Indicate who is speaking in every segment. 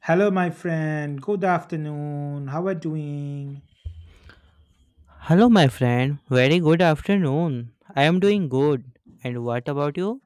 Speaker 1: Hello, my friend. Good afternoon. How are you doing?
Speaker 2: Hello, my friend. Very good afternoon. I am doing good. And what about you?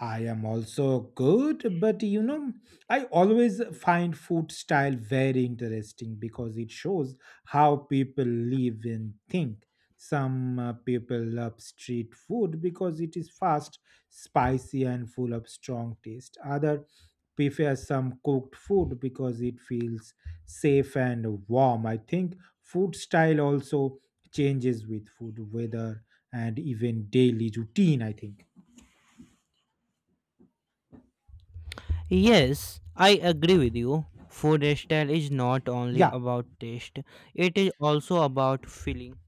Speaker 1: I am also good, but I always find food style very interesting because it shows how people live and think. Some people love street food because it is fast, spicy, and full of strong taste. Other prefer some cooked food because it feels safe and warm. I think food style also changes with food, weather, and even daily routine. I think.
Speaker 2: Yes, I agree with you. Food style is not only
Speaker 1: Yeah,
Speaker 2: about taste, it is also about feeling.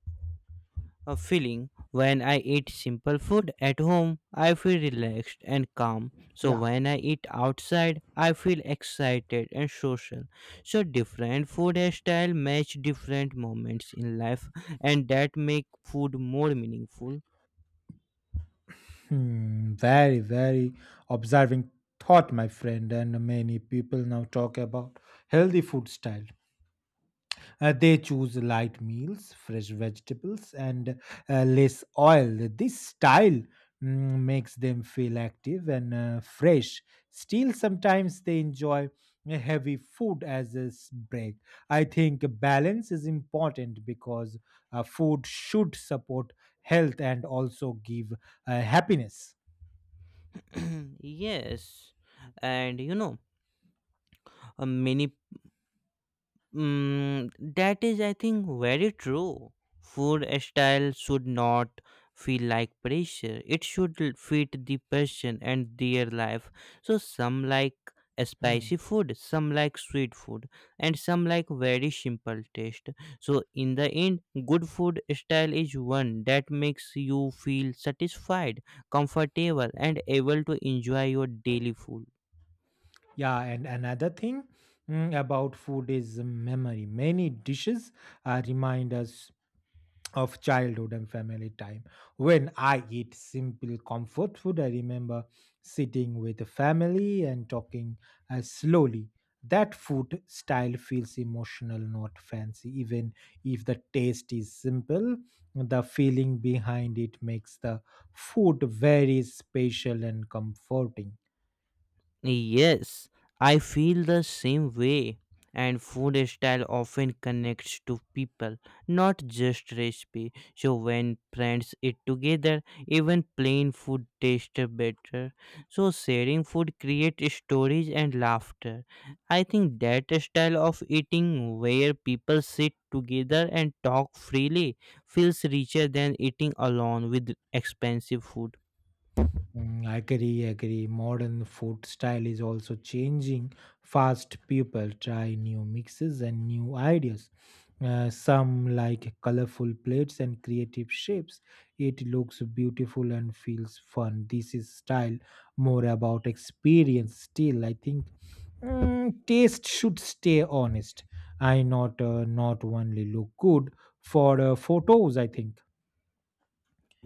Speaker 2: A feeling. When I eat simple food at home, I feel relaxed and calm. So
Speaker 1: yeah.
Speaker 2: when I eat outside, I feel excited and social. So different food style match different moments in life, and that make food more meaningful.
Speaker 1: Hmm, very, very observing thought, my friend. And many people now talk about healthy food style. They choose light meals, fresh vegetables, and less oil. This style makes them feel active and fresh. Still, sometimes they enjoy a heavy food as a break. I think balance is important because food should support health and also give happiness.
Speaker 2: Yes, and you know many mm, that is, I think, very true. Food style should not feel like pressure. It should fit the person and their life. So some like spicy
Speaker 1: Hmm.
Speaker 2: food, some like sweet food, and some like very simple taste. So in the end, good food style is one that makes you feel satisfied, comfortable, and able to enjoy your daily food.
Speaker 1: Yeah, and another thing about food is memory. Many dishes remind us of childhood and family time. When I eat simple comfort food, I remember sitting with the family and talking slowly. That food style feels emotional, not fancy. Even if the taste is simple, the feeling behind it makes the food very special and comforting.
Speaker 2: Yes, I feel the same way. And food style often connects to people, not just recipe. So when friends eat together, even plain food tastes better. So sharing food creates stories and laughter. I think that style of eating, where people sit together and talk freely, feels richer than eating alone with expensive food.
Speaker 1: Mm, agree, agree. Modern food style is also changing fast. People try new mixes and new ideas. Some like colorful plates and creative shapes. It looks beautiful and feels fun. This is style more about experience. Still, I think taste should stay honest. I not not only look good for photos. I think.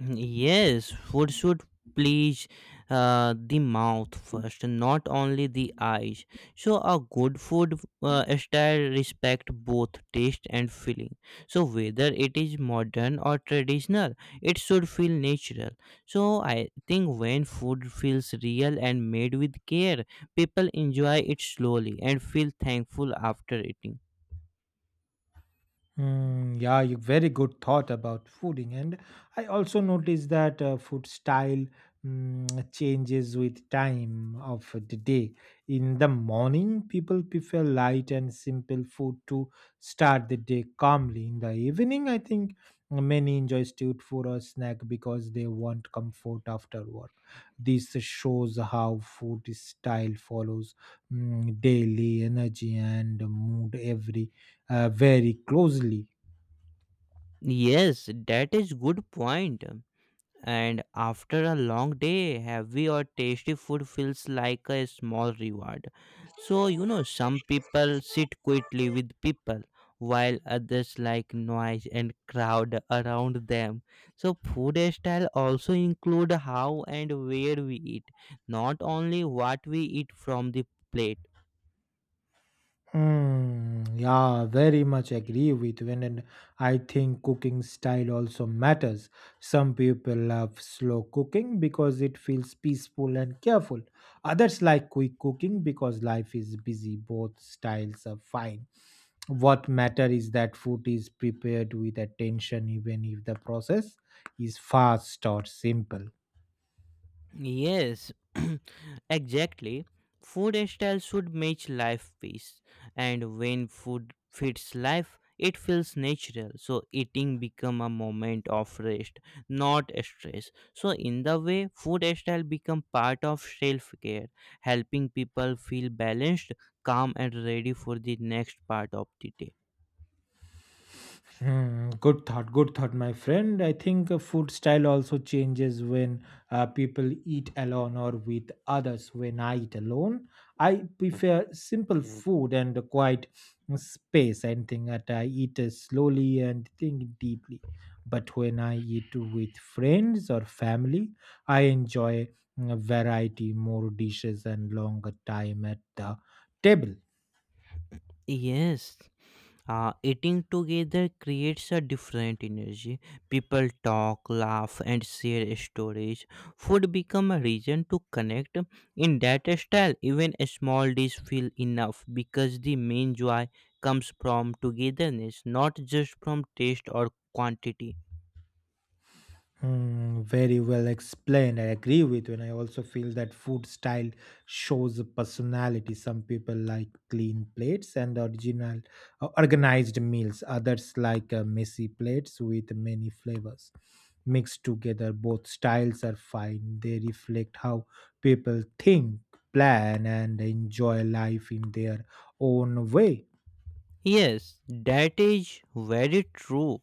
Speaker 2: Yes, food should please the mouth first, not only the eyes. So, a good food style respect both taste and feeling. So, whether it is modern or traditional, it should feel natural. So, I think when food feels real and made with care, people enjoy it slowly and feel thankful after eating.
Speaker 1: Mm, yeah, you very good thought about fooding, and I also noticed that food style changes with time of the day. In the morning, people prefer light and simple food to start the day calmly. In the evening, I think many enjoy street food or snack because they want comfort after work. This shows how food style follows daily energy and mood every very closely.
Speaker 2: Yes, that is good point. And after a long day, heavy or tasty food feels like a small reward. So you know, some people sit quietly with people while others like noise and crowd around them. So food style also include how and where we eat, not only what we eat from the plate.
Speaker 1: Hmm, yeah, very much agree with when and I think cooking style also matters. Some people love slow cooking because it feels peaceful and careful. Others like quick cooking because life is busy. Both styles are fine. What matter is that food is prepared with attention even if the process is fast or simple.
Speaker 2: Yes, exactly. Food style should match life pace, and when food fits life, it feels natural. So eating become a moment of rest, not stress. So in the way, food style become part of self care, helping people feel balanced, calm, and ready for the next part of the day.
Speaker 1: Hmm, good thought, my friend. I think food style also changes when people eat alone or with others. When I eat alone, I prefer simple food and a quiet space. And think that I eat slowly and think deeply. But when I eat with friends or family, I enjoy variety, more dishes, and longer time at the table.
Speaker 2: Yes. Eating together creates a different energy. People talk, laugh, and share stories. Food become a reason to connect. In that style, even a small dish feel enough because the main joy comes from togetherness, not just from taste or quantity.
Speaker 1: Mm, very well explained. I agree with you. And I also feel that food style shows a personality. Some people like clean plates and original organized meals. Others like messy plates with many flavors. Mixed together, both styles are fine. They reflect how people think, plan, and enjoy life in their own way.
Speaker 2: Yes, that is very true.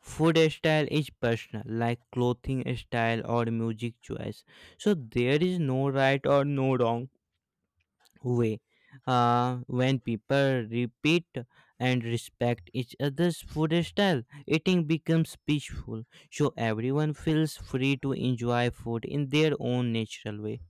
Speaker 2: Food style is personal, like clothing style or music choice. So there is no right or no wrong way. When people repeat and respect each other's food style, eating becomes peaceful. So everyone feels free to enjoy food in their own natural way.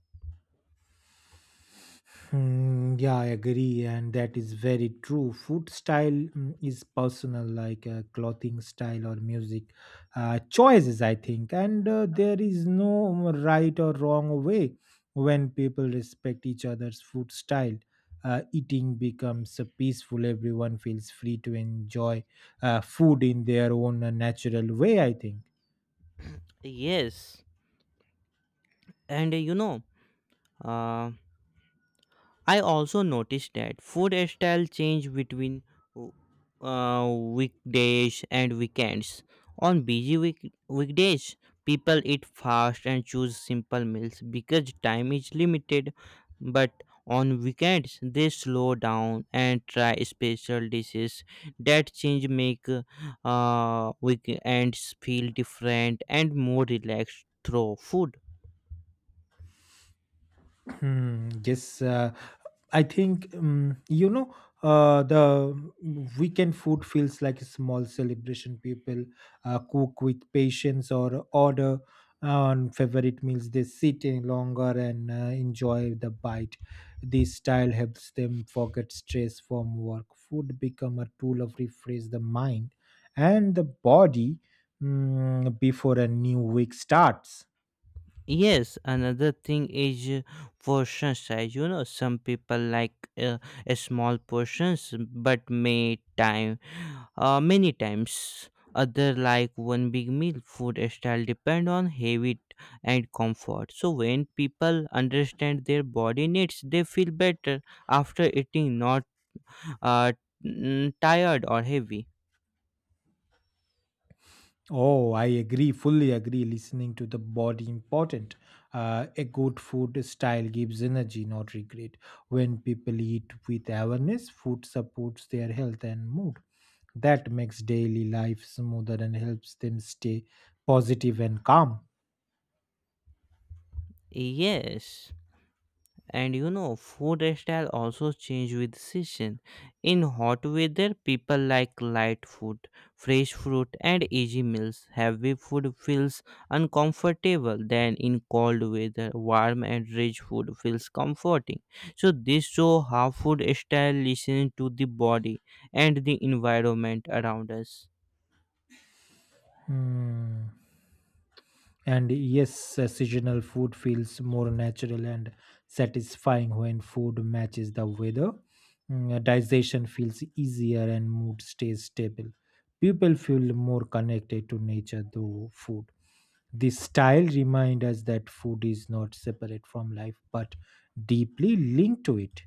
Speaker 1: Hmm, yeah, I agree, and that is very true. Food style is personal, like clothing style or music choices, I think. And there is no right or wrong way when people respect each other's food style. Eating becomes peaceful, everyone feels free to enjoy food in their own natural way, I think.
Speaker 2: Yes. and you know uh, I also noticed that food style change between weekdays and weekends. On busy weekdays, people eat fast and choose simple meals because time is limited. But on weekends, they slow down and try special dishes. That change make weekends feel different and more relaxed through food.
Speaker 1: Hmm, yes, I think the weekend food feels like a small celebration. People cook with patience or order on favorite meals. They sit in longer and enjoy the bite. This style helps them forget stress from work. Food become a tool of refresh the mind and the body before a new week starts.
Speaker 2: Yes, another thing is portion size. You know, some people like uh, a small portions, but many times. Other like one big meal. Food style depend on habit and comfort. So when people understand their body needs, they feel better after eating, not uh, tired or heavy.
Speaker 1: Oh, I agree, fully agree. Listening to the body important. A good food style gives energy, not regret. When people eat with awareness, food supports their health and mood. That makes daily life smoother and helps them stay positive and calm.
Speaker 2: Yes. And you know, food style also change with season. In hot weather, people like light food, fresh fruit, and easy meals. Heavy food feels uncomfortable then. In cold weather, warm and rich food feels comforting. So this show how food style listen to the body and the environment around us.
Speaker 1: Hmm. And yes, seasonal food feels more natural and satisfying when food matches the weather. Digestion feels easier and mood stays stable. People feel more connected to nature through food. This style reminds us that food is not separate from life but deeply linked to it.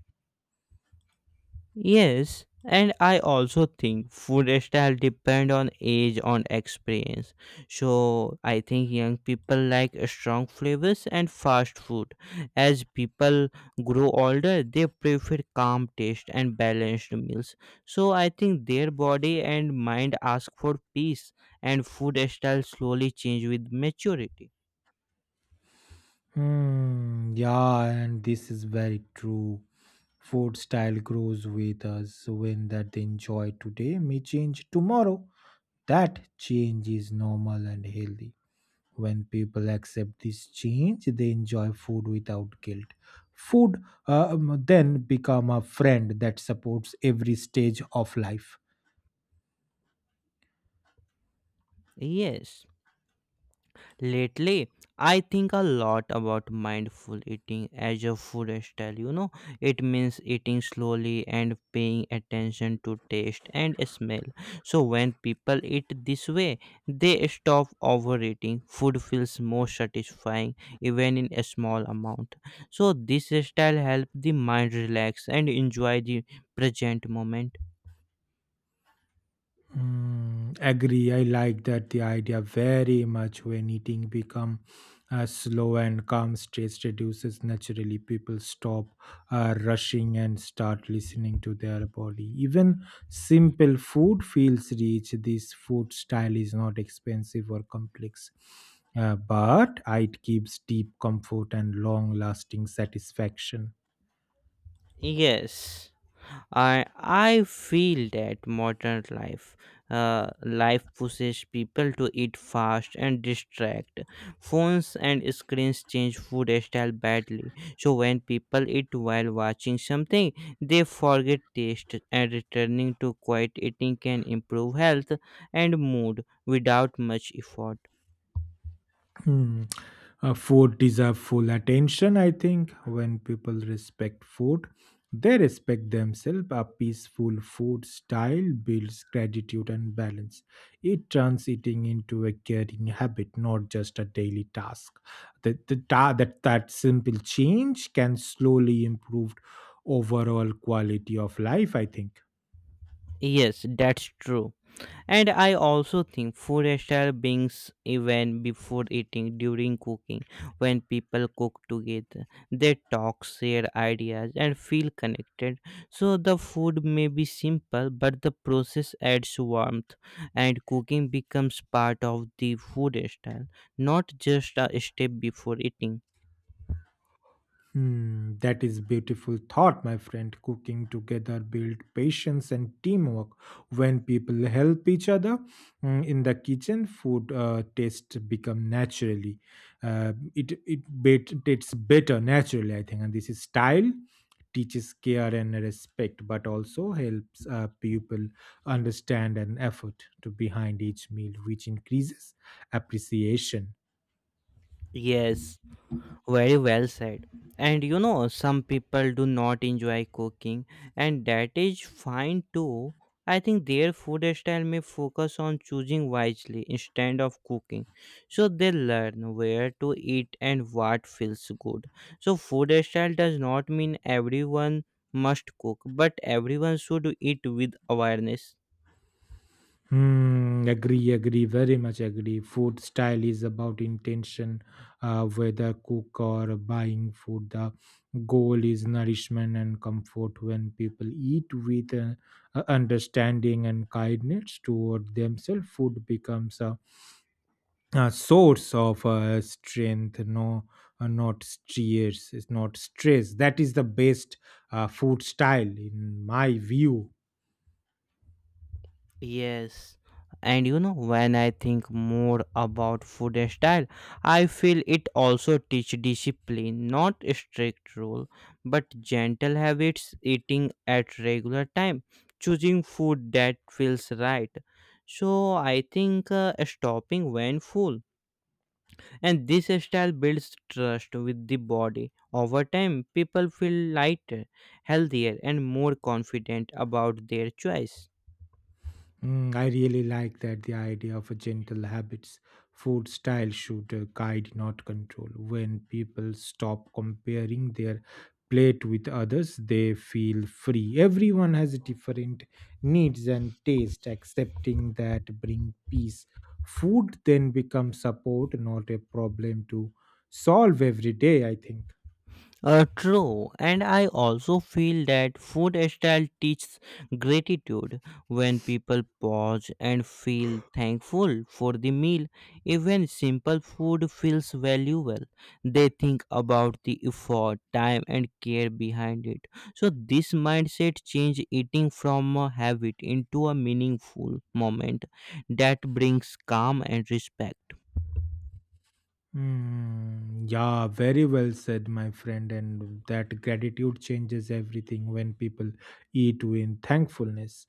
Speaker 2: Yes, and I also think food style depend on age, on experience. So I think young people like strong flavors and fast food. As people grow older, they prefer calm taste and balanced meals. So I think their body and mind ask for peace, and food style slowly change with maturity.
Speaker 1: Hmm, yeah, and this is very true. Food style grows with us. When that they enjoy today may change tomorrow. That change is normal and healthy. When people accept this change, they enjoy food without guilt. Food then become a friend that supports every stage of life.
Speaker 2: Yes. Lately, I think a lot about mindful eating as a food style. You know, it means eating slowly and paying attention to taste and smell. So, when people eat this way, they stop overeating. Food feels more satisfying, even in a small amount. So, this style helps the mind relax and enjoy the present moment.
Speaker 1: Mm, agree. I like that the idea very much when eating become slow and calm stress reduces naturally. People stop rushing and start listening to their body. Even simple food feels rich. This food style is not expensive or complex. But it gives deep comfort and long lasting satisfaction.
Speaker 2: Yes. I feel that modern life life pushes people to eat fast and distract. Phones and screens change food style badly. So when people eat while watching something, they forget taste, and returning to quiet eating can improve health and mood without much effort.
Speaker 1: Hmm. Food deserve full attention, I think. When people respect food, they respect themselves. A peaceful food style builds gratitude and balance. It turns eating into a caring habit, not just a daily task. That simple change can slowly improve overall quality of life, I think.
Speaker 2: Yes, that's true. And I also think food style brings even before eating, during cooking, when people cook together, they talk, share ideas, and feel connected. So the food may be simple, but the process adds warmth, and cooking becomes part of the food style, not just a step before eating.
Speaker 1: Hmm, that is beautiful thought, my friend. Cooking together build patience and teamwork. When people help each other in the kitchen, food tastes become naturally. It tastes better naturally, I think. And this is style teaches care and respect, but also helps people understand and effort to behind each meal, which increases appreciation.
Speaker 2: Yes. Very well said. And you know, some people do not enjoy cooking, and that is fine too. I think their food style may focus on choosing wisely instead of cooking. So they learn where to eat and what feels good. So, food style does not mean everyone must cook, but everyone should eat with awareness.
Speaker 1: Hmm, agree, agree, very much agree. Food style is about intention, whether cook or buying food. The goal is nourishment and comfort when people eat with understanding and kindness toward themselves. Food becomes a source of strength, no, not stress, it's not stress. That is the best food style, in my view.
Speaker 2: Yes, and you know, when I think more about food and style, I feel it also teach discipline, not a strict rule, but gentle habits, eating at regular time, choosing food that feels right. So I think stopping when full, and this style builds trust with the body. Over time, people feel lighter, healthier, and more confident about their choice.
Speaker 1: Mm, I really like that the idea of a gentle habits food style should guide, not control. When people stop comparing their plate with others, they feel free. Everyone has different needs and taste. Accepting that bring peace. Food then becomes support, not a problem to solve every day. I think.
Speaker 2: True, and I also feel that food style teaches gratitude when people pause and feel thankful for the meal. Even simple food feels valuable. They think about the effort, time, and care behind it. So, this mindset change eating from a habit into a meaningful moment that brings calm and respect.
Speaker 1: Hmm, yeah, very well said, my friend. And that gratitude changes everything when people eat with thankfulness.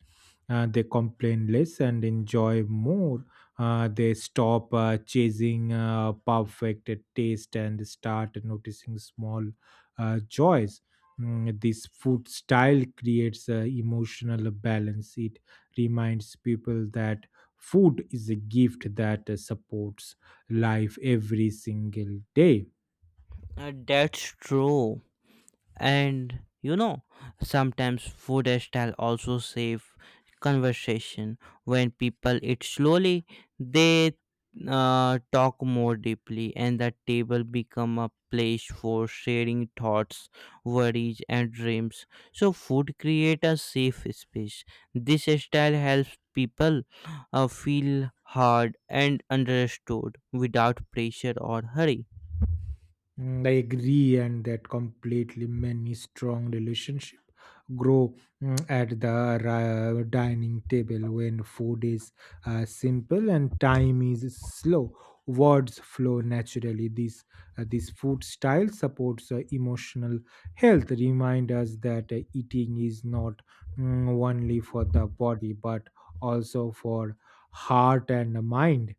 Speaker 1: They complain less and enjoy more. They stop chasing perfect taste and start noticing small joys. This food style creates emotional balance. It reminds people that food is a gift that supports life every single day.
Speaker 2: That's true. And you know, sometimes food style also save conversation. When people eat slowly, they talk more deeply, and the table become a place for sharing thoughts, worries, and dreams. So food create a safe space. This style helps people feel heard and understood without pressure or hurry.
Speaker 1: Mm, I agree, and that completely many strong relationship grow at the dining table when food is simple and time is slow. Words flow naturally. This food style supports emotional health. Remind us that eating is not only for the body but also for heart and mind.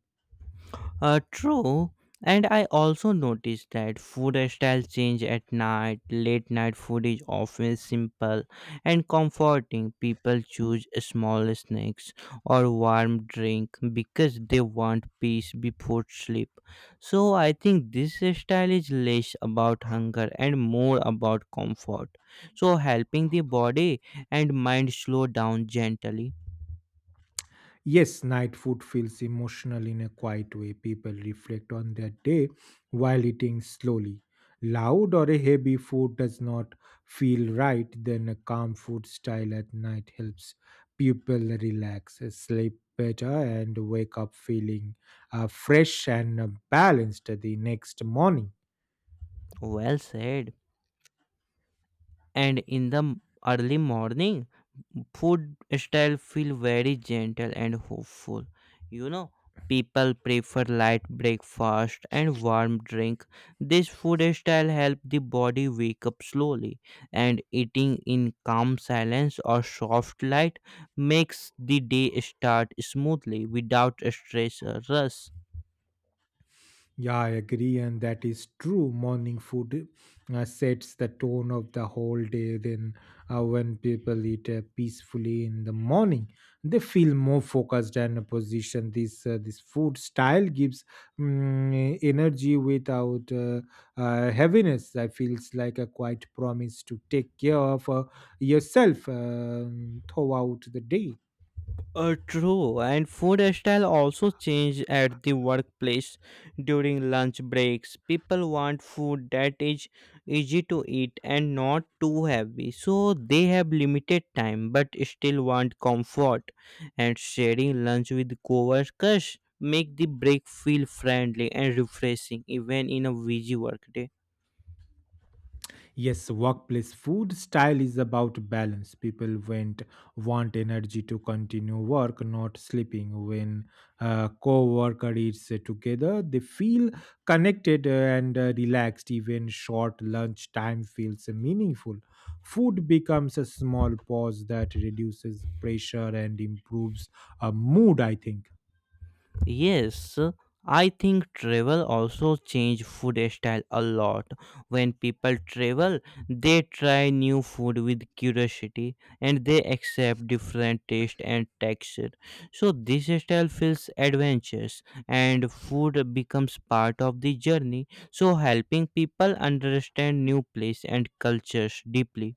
Speaker 2: True. And I also noticed that food styles change at night. Late night food is often simple and comforting. People choose small snacks or warm drink because they want peace before sleep. So I think this style is less about hunger and more about comfort. So helping the body and mind slow down gently.
Speaker 1: Yes, night food feels emotional in a quiet way. People reflect on their day while eating slowly. Loud or a heavy food does not feel right, then a calm food style at night helps people relax, sleep better, and wake up feeling fresh and balanced the next morning.
Speaker 2: Well said. And in the early morning, food style feel very gentle and hopeful. You know, people prefer light breakfast and warm drink. This food style help the body wake up slowly, and eating in calm silence or soft light makes the day start smoothly without stress or rush.
Speaker 1: Yeah, I agree, and that is true. Morning food sets the tone of the whole day. Then, when people eat peacefully in the morning, they feel more focused and positioned. This food style gives energy without heaviness. That feels like a quiet promise to take care of yourself throughout the day.
Speaker 2: True, and food style also change at the workplace. During lunch breaks, people want food that is easy to eat and not too heavy, so they have limited time but still want comfort. And sharing lunch with coworkers make the break feel friendly and refreshing, even in a busy workday.
Speaker 1: Yes, workplace food style is about balance. People went want energy to continue work, not sleeping. When co-worker eats together, they feel connected and relaxed. Even short lunch time feels meaningful. Food becomes a small pause that reduces pressure and improves a mood. I think.
Speaker 2: Yes, I think travel also change food style a lot. When people travel, they try new food with curiosity, and they accept different taste and texture. So this style feels adventurous, and food becomes part of the journey. So helping people understand new place and cultures deeply.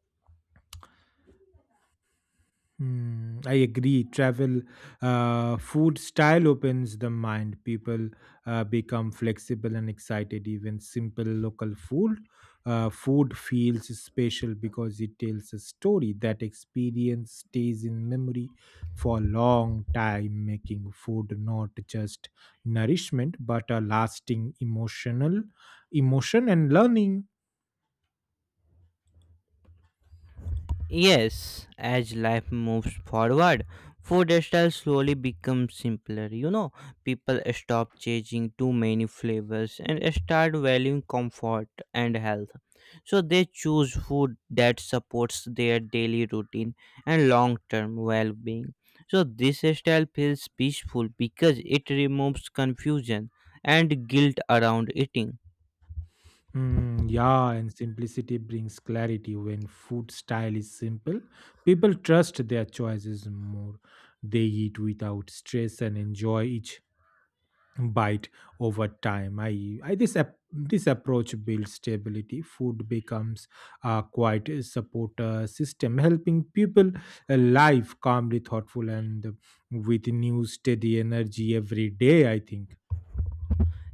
Speaker 1: Hmm, I agree. Travel, food style opens the mind. People become flexible and excited. Even simple local food feels special because it tells a story. That experience stays in memory for a long time, making food not just nourishment but a lasting emotional emotion and learning.
Speaker 2: Yes, as life moves forward, food style slowly becomes simpler. You know, people stop chasing too many flavors and start valuing comfort and health. So they choose food that supports their daily routine and long-term well-being. So this style feels peaceful because it removes confusion and guilt around eating.
Speaker 1: Mm, yeah, and simplicity brings clarity. When food style is simple, people trust their choices more. They eat without stress and enjoy each bite over time. I This this approach builds stability. Food becomes a quite a support system, helping people live calmly, thoughtful, and with new steady energy every day. I think.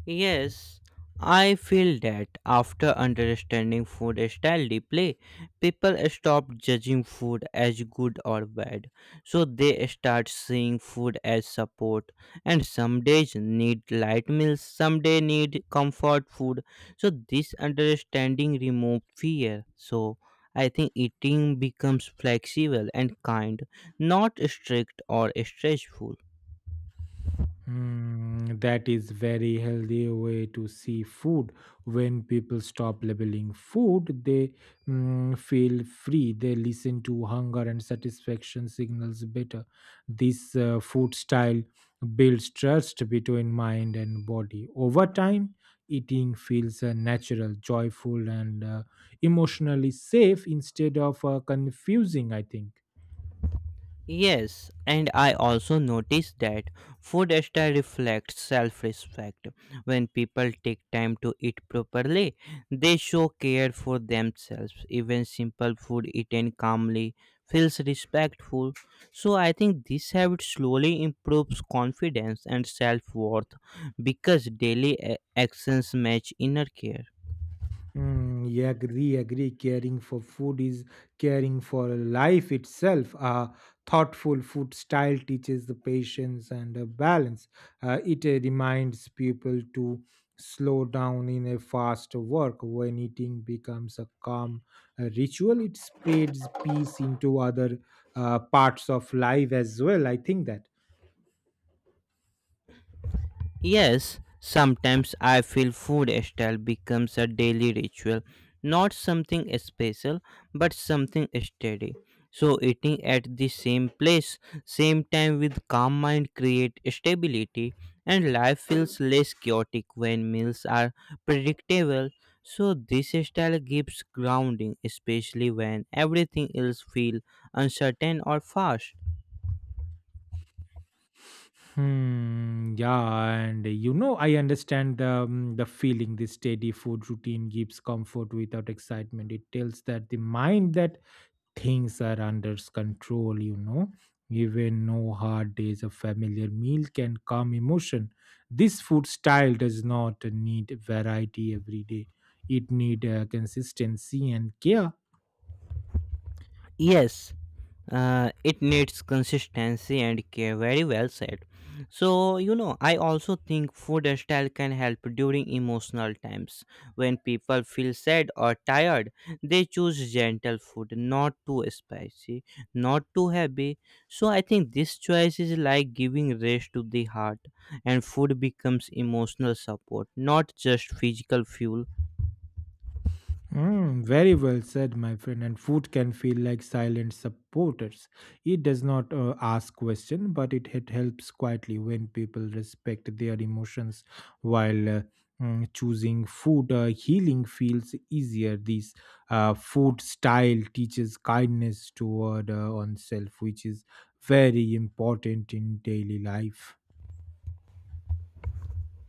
Speaker 2: Yes, I feel that after understanding food style deeply, people stop judging food as good or bad. So they start seeing food as support. And some days need light meals, some day need comfort food. So this understanding removes fear. So I think eating becomes flexible and kind, not strict or stressful.
Speaker 1: Hmm, that is very healthy way to see food. When people stop labeling food, they feel free. They listen to hunger and satisfaction signals better. This food style builds trust between mind and body. Over time, eating feels natural, joyful, and emotionally safe instead of confusing. I think.
Speaker 2: Yes, and I also noticed that food style reflects self respect. When people take time to eat properly, they show care for themselves. Even simple food eaten calmly feels respectful. So I think this habit slowly improves confidence and self worth because daily actions match inner care.
Speaker 1: Mm, yeah, agree, agree. Caring for food is caring for life itself. A thoughtful food style teaches the patience and balance. It reminds people to slow down in a fast work. When eating becomes a calm ritual, it spreads peace into other parts of life as well, I think that.
Speaker 2: Yes, sometimes I feel food style becomes a daily ritual, not something special, but something steady. So eating at the same place, same time with calm mind create stability, and life feels less chaotic when meals are predictable. So this style gives grounding, especially when everything else feel uncertain or fast.
Speaker 1: Hmm, yeah, and I understand the feeling this steady food routine gives comfort without excitement. It tells that the mind that things are under control, you know. Even no hard days, a familiar meal can calm emotion. This food style does not need variety every day. It need consistency and care.
Speaker 2: Yes, it needs consistency and care, very well said. So you know, I also think food style can help during emotional times. When people feel sad or tired, they choose gentle food, not too spicy, not too heavy. So I think this choice is like giving rest to the heart, and food becomes emotional support, not just physical fuel.
Speaker 1: Mm, very well said, my friend. And food can feel like silent supporters. It does not ask question, but it helps quietly when people respect their emotions while choosing food. Healing feels easier. This food style teaches kindness toward oneself, which is very important in daily life.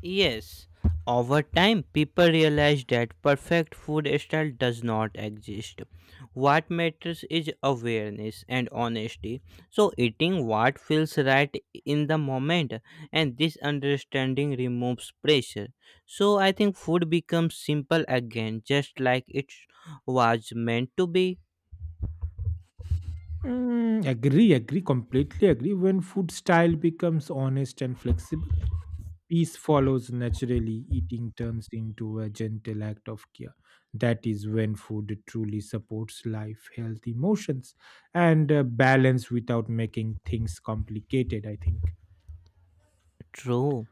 Speaker 2: Yes, over time, people realize that perfect food style does not exist. What matters is awareness and honesty. So, eating what feels right in the moment, and this understanding removes pressure. So, I think food becomes simple again, just like it was meant to be.
Speaker 1: Mm, agree, agree, completely agree. When food style becomes honest and flexible, peace follows naturally. Eating turns into a gentle act of care. That is when food truly supports life, health, emotions, and balance without making things complicated, I think.
Speaker 2: True.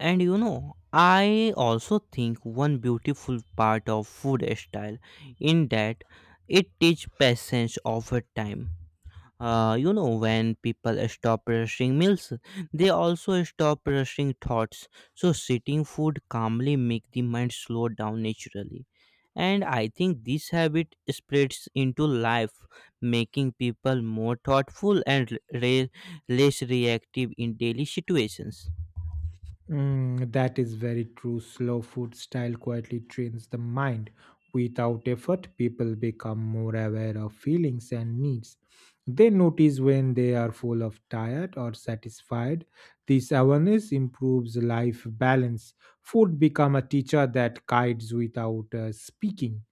Speaker 2: And you know, I also think one beautiful part of food style in that it teach patience over time. You know, when people stop rushing meals, they also stop rushing thoughts. So sitting food calmly make the mind slow down naturally. And I think this habit spreads into life, making people more thoughtful and less reactive in daily situations.
Speaker 1: Mm, that is very true. Slow food style quietly trains the mind. Without effort, people become more aware of feelings and needs. They notice when they are full of tired or satisfied. This awareness improves life balance. Food become a teacher that guides without speaking.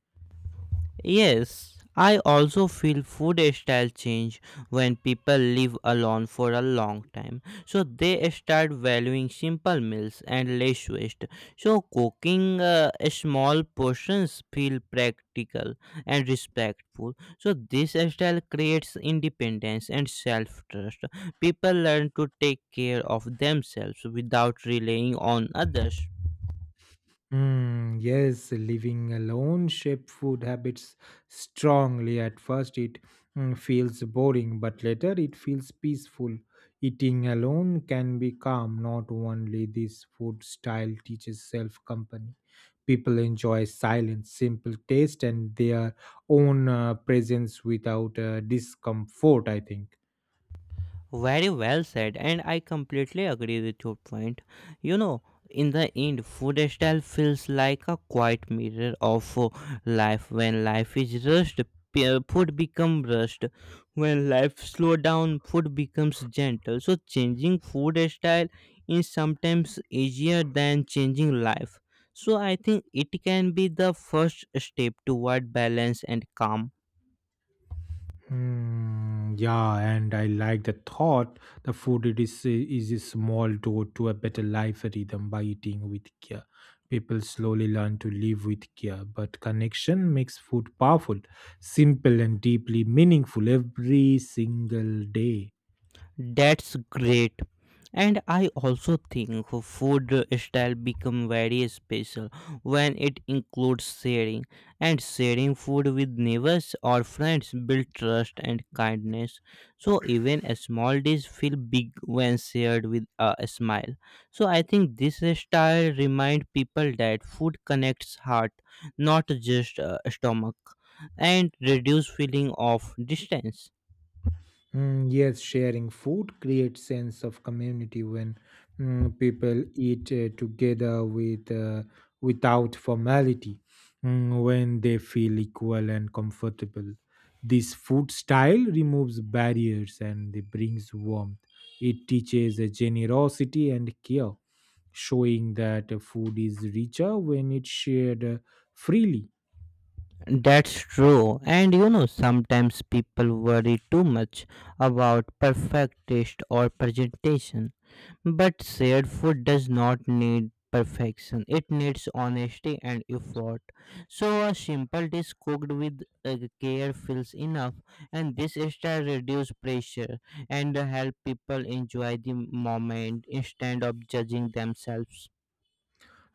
Speaker 2: Yes, I also feel food style change when people live alone for a long time. So they start valuing simple meals and less waste. So cooking small portions feel practical and respectful. So this style creates independence and self-trust. People learn to take care of themselves without relying on others.
Speaker 1: Mm, yes, living alone shape food habits strongly. At first, it feels boring, but later it feels peaceful. Eating alone can be calm. Not only this food style teaches self company. People enjoy silence, simple taste, and their own presence without discomfort, I think.
Speaker 2: Very well said, and I completely agree with your point. You know, in the end, food style feels like a quiet mirror of life. When life is rushed, food becomes rushed. When life slow down, food becomes gentle. So changing food style is sometimes easier than changing life. So I think it can be the first step toward balance and calm.
Speaker 1: Hmm, yeah, and I like the thought. The food it is a small door to a better life rhythm. By eating with care, people slowly learn to live with care, but connection makes food powerful, simple, and deeply meaningful every single day.
Speaker 2: That's great. And I also think food style become very special when it includes sharing. And sharing food with neighbors or friends build trust and kindness. So even a small dish feel big when shared with a smile. So I think this style remind people that food connects heart, not just stomach, and reduce feeling of distance.
Speaker 1: Mm, yes, sharing food creates sense of community when people eat together with without formality, when they feel equal and comfortable. This food style removes barriers and it brings warmth. It teaches generosity and care, showing that food is richer when it's shared freely.
Speaker 2: That's true. And you know, sometimes people worry too much about perfect taste or presentation. But shared food does not need perfection, it needs honesty and effort. So, a simple dish cooked with care feels enough, and this style reduces pressure and help people enjoy the moment instead of judging themselves.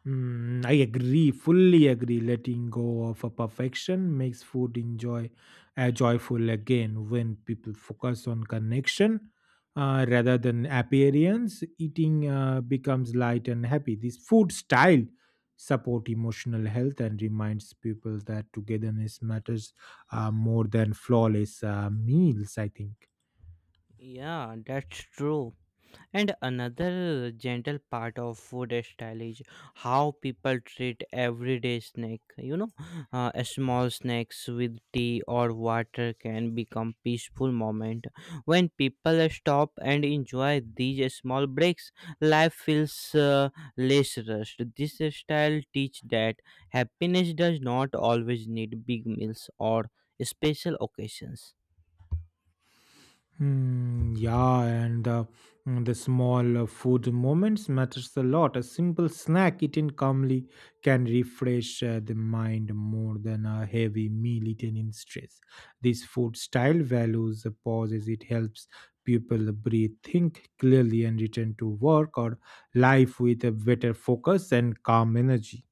Speaker 1: Mm, I agree, fully agree. Letting go of a perfection makes food enjoy joyful again. When people focus on connection rather than appearance, eating becomes light and happy. This food style support emotional health and reminds people that togetherness matters more than flawless meals, I think.
Speaker 2: Yeah, that's true. And another gentle part of food style is how people treat everyday snack. You know, a small snacks with tea or water can become peaceful moment. When people stop and enjoy these small breaks, life feels less rushed. This style teach that happiness does not always need big meals or special occasions.
Speaker 1: Hmm, yeah, and the small food moments matters a lot. A simple snack eaten calmly can refresh the mind more than a heavy meal eaten in stress. This food style values the pauses. It helps people breathe, think clearly, and return to work or life with a better focus and calm energy.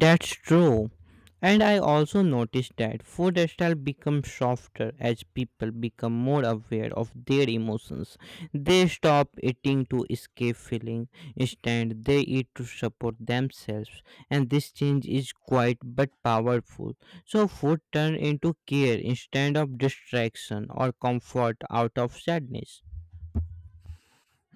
Speaker 2: That's true. And I also noticed that food style becomes softer as people become more aware of their emotions. They stop eating to escape feeling. Instead, they eat to support themselves. And this change is quiet but powerful. So food turns into care instead of distraction or comfort out of sadness.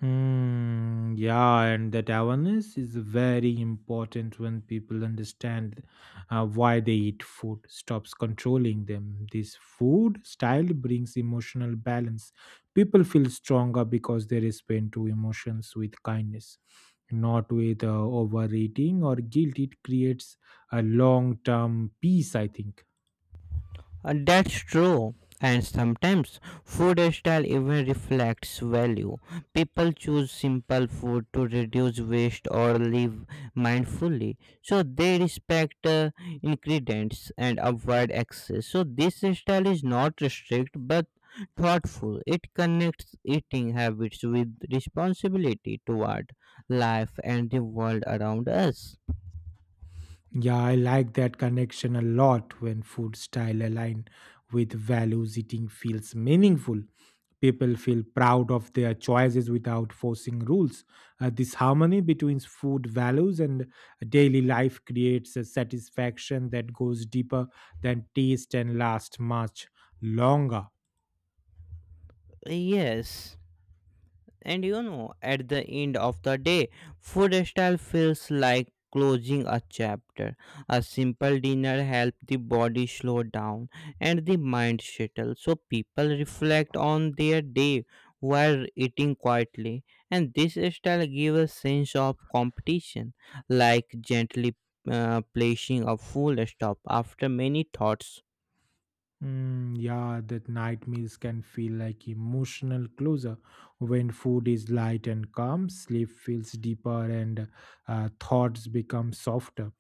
Speaker 1: Hmm, yeah, and that awareness is very important. When people understand why they eat, food stops controlling them. This food style brings emotional balance. People feel stronger because they respond to emotions with kindness, not with overeating or guilt. It creates a long term peace, I think.
Speaker 2: That's true. And sometimes food style even reflects value. People choose simple food to reduce waste or live mindfully. So they respect ingredients and avoid excess. So this style is not strict but thoughtful. It connects eating habits with responsibility toward life and the world around us.
Speaker 1: Yeah, I like that connection a lot. When food style align with values, eating feels meaningful. People feel proud of their choices without forcing rules. This harmony between food values and daily life creates a satisfaction that goes deeper than taste and lasts much longer.
Speaker 2: Yes. And you know, at the end of the day, food style feels like closing a chapter. A simple dinner helps the body slow down and the mind settle. So people reflect on their day while eating quietly. And this style gives a sense of competition, like gently placing a full stop after many thoughts.
Speaker 1: Mm, yeah, that night meals can feel like emotional closure. When food is light and calm, sleep feels deeper and thoughts become softer.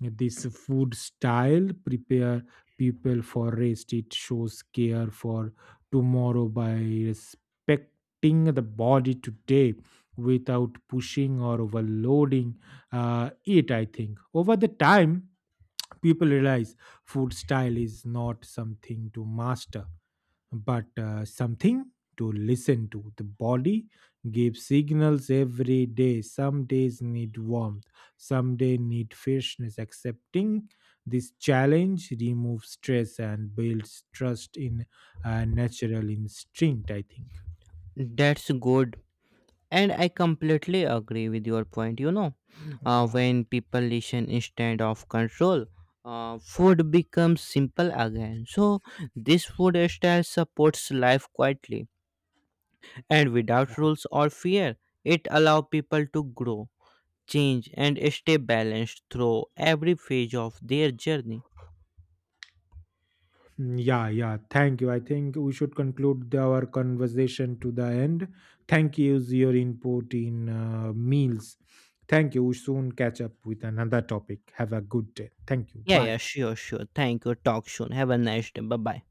Speaker 1: This food style prepare people for rest. It shows care for tomorrow by respecting the body today without pushing or overloading it, I think. Over the time, people realize food style is not something to master but something to listen to. The body gives signals every day. Some days need warmth, some day need freshness. Accepting this challenge removes stress and builds trust in a natural instinct, I think.
Speaker 2: That's good. And I completely agree with your point. You know,
Speaker 1: Yeah.
Speaker 2: when people listen instead of control, food becomes simple again. So, this food style supports life quietly and without rules or fear. It allows people to grow, change, and stay balanced through every phase of their journey.
Speaker 1: Mm, yeah, yeah, thank you. I think we should conclude our conversation to the end. Thank you for your input in meals. Thank you. We soon catch up with another topic. Have a good day. Thank you.
Speaker 2: Yeah, yeah,
Speaker 1: Bye.
Speaker 2: sure, sure. Thank you. Talk soon. Have a nice day. Bye bye.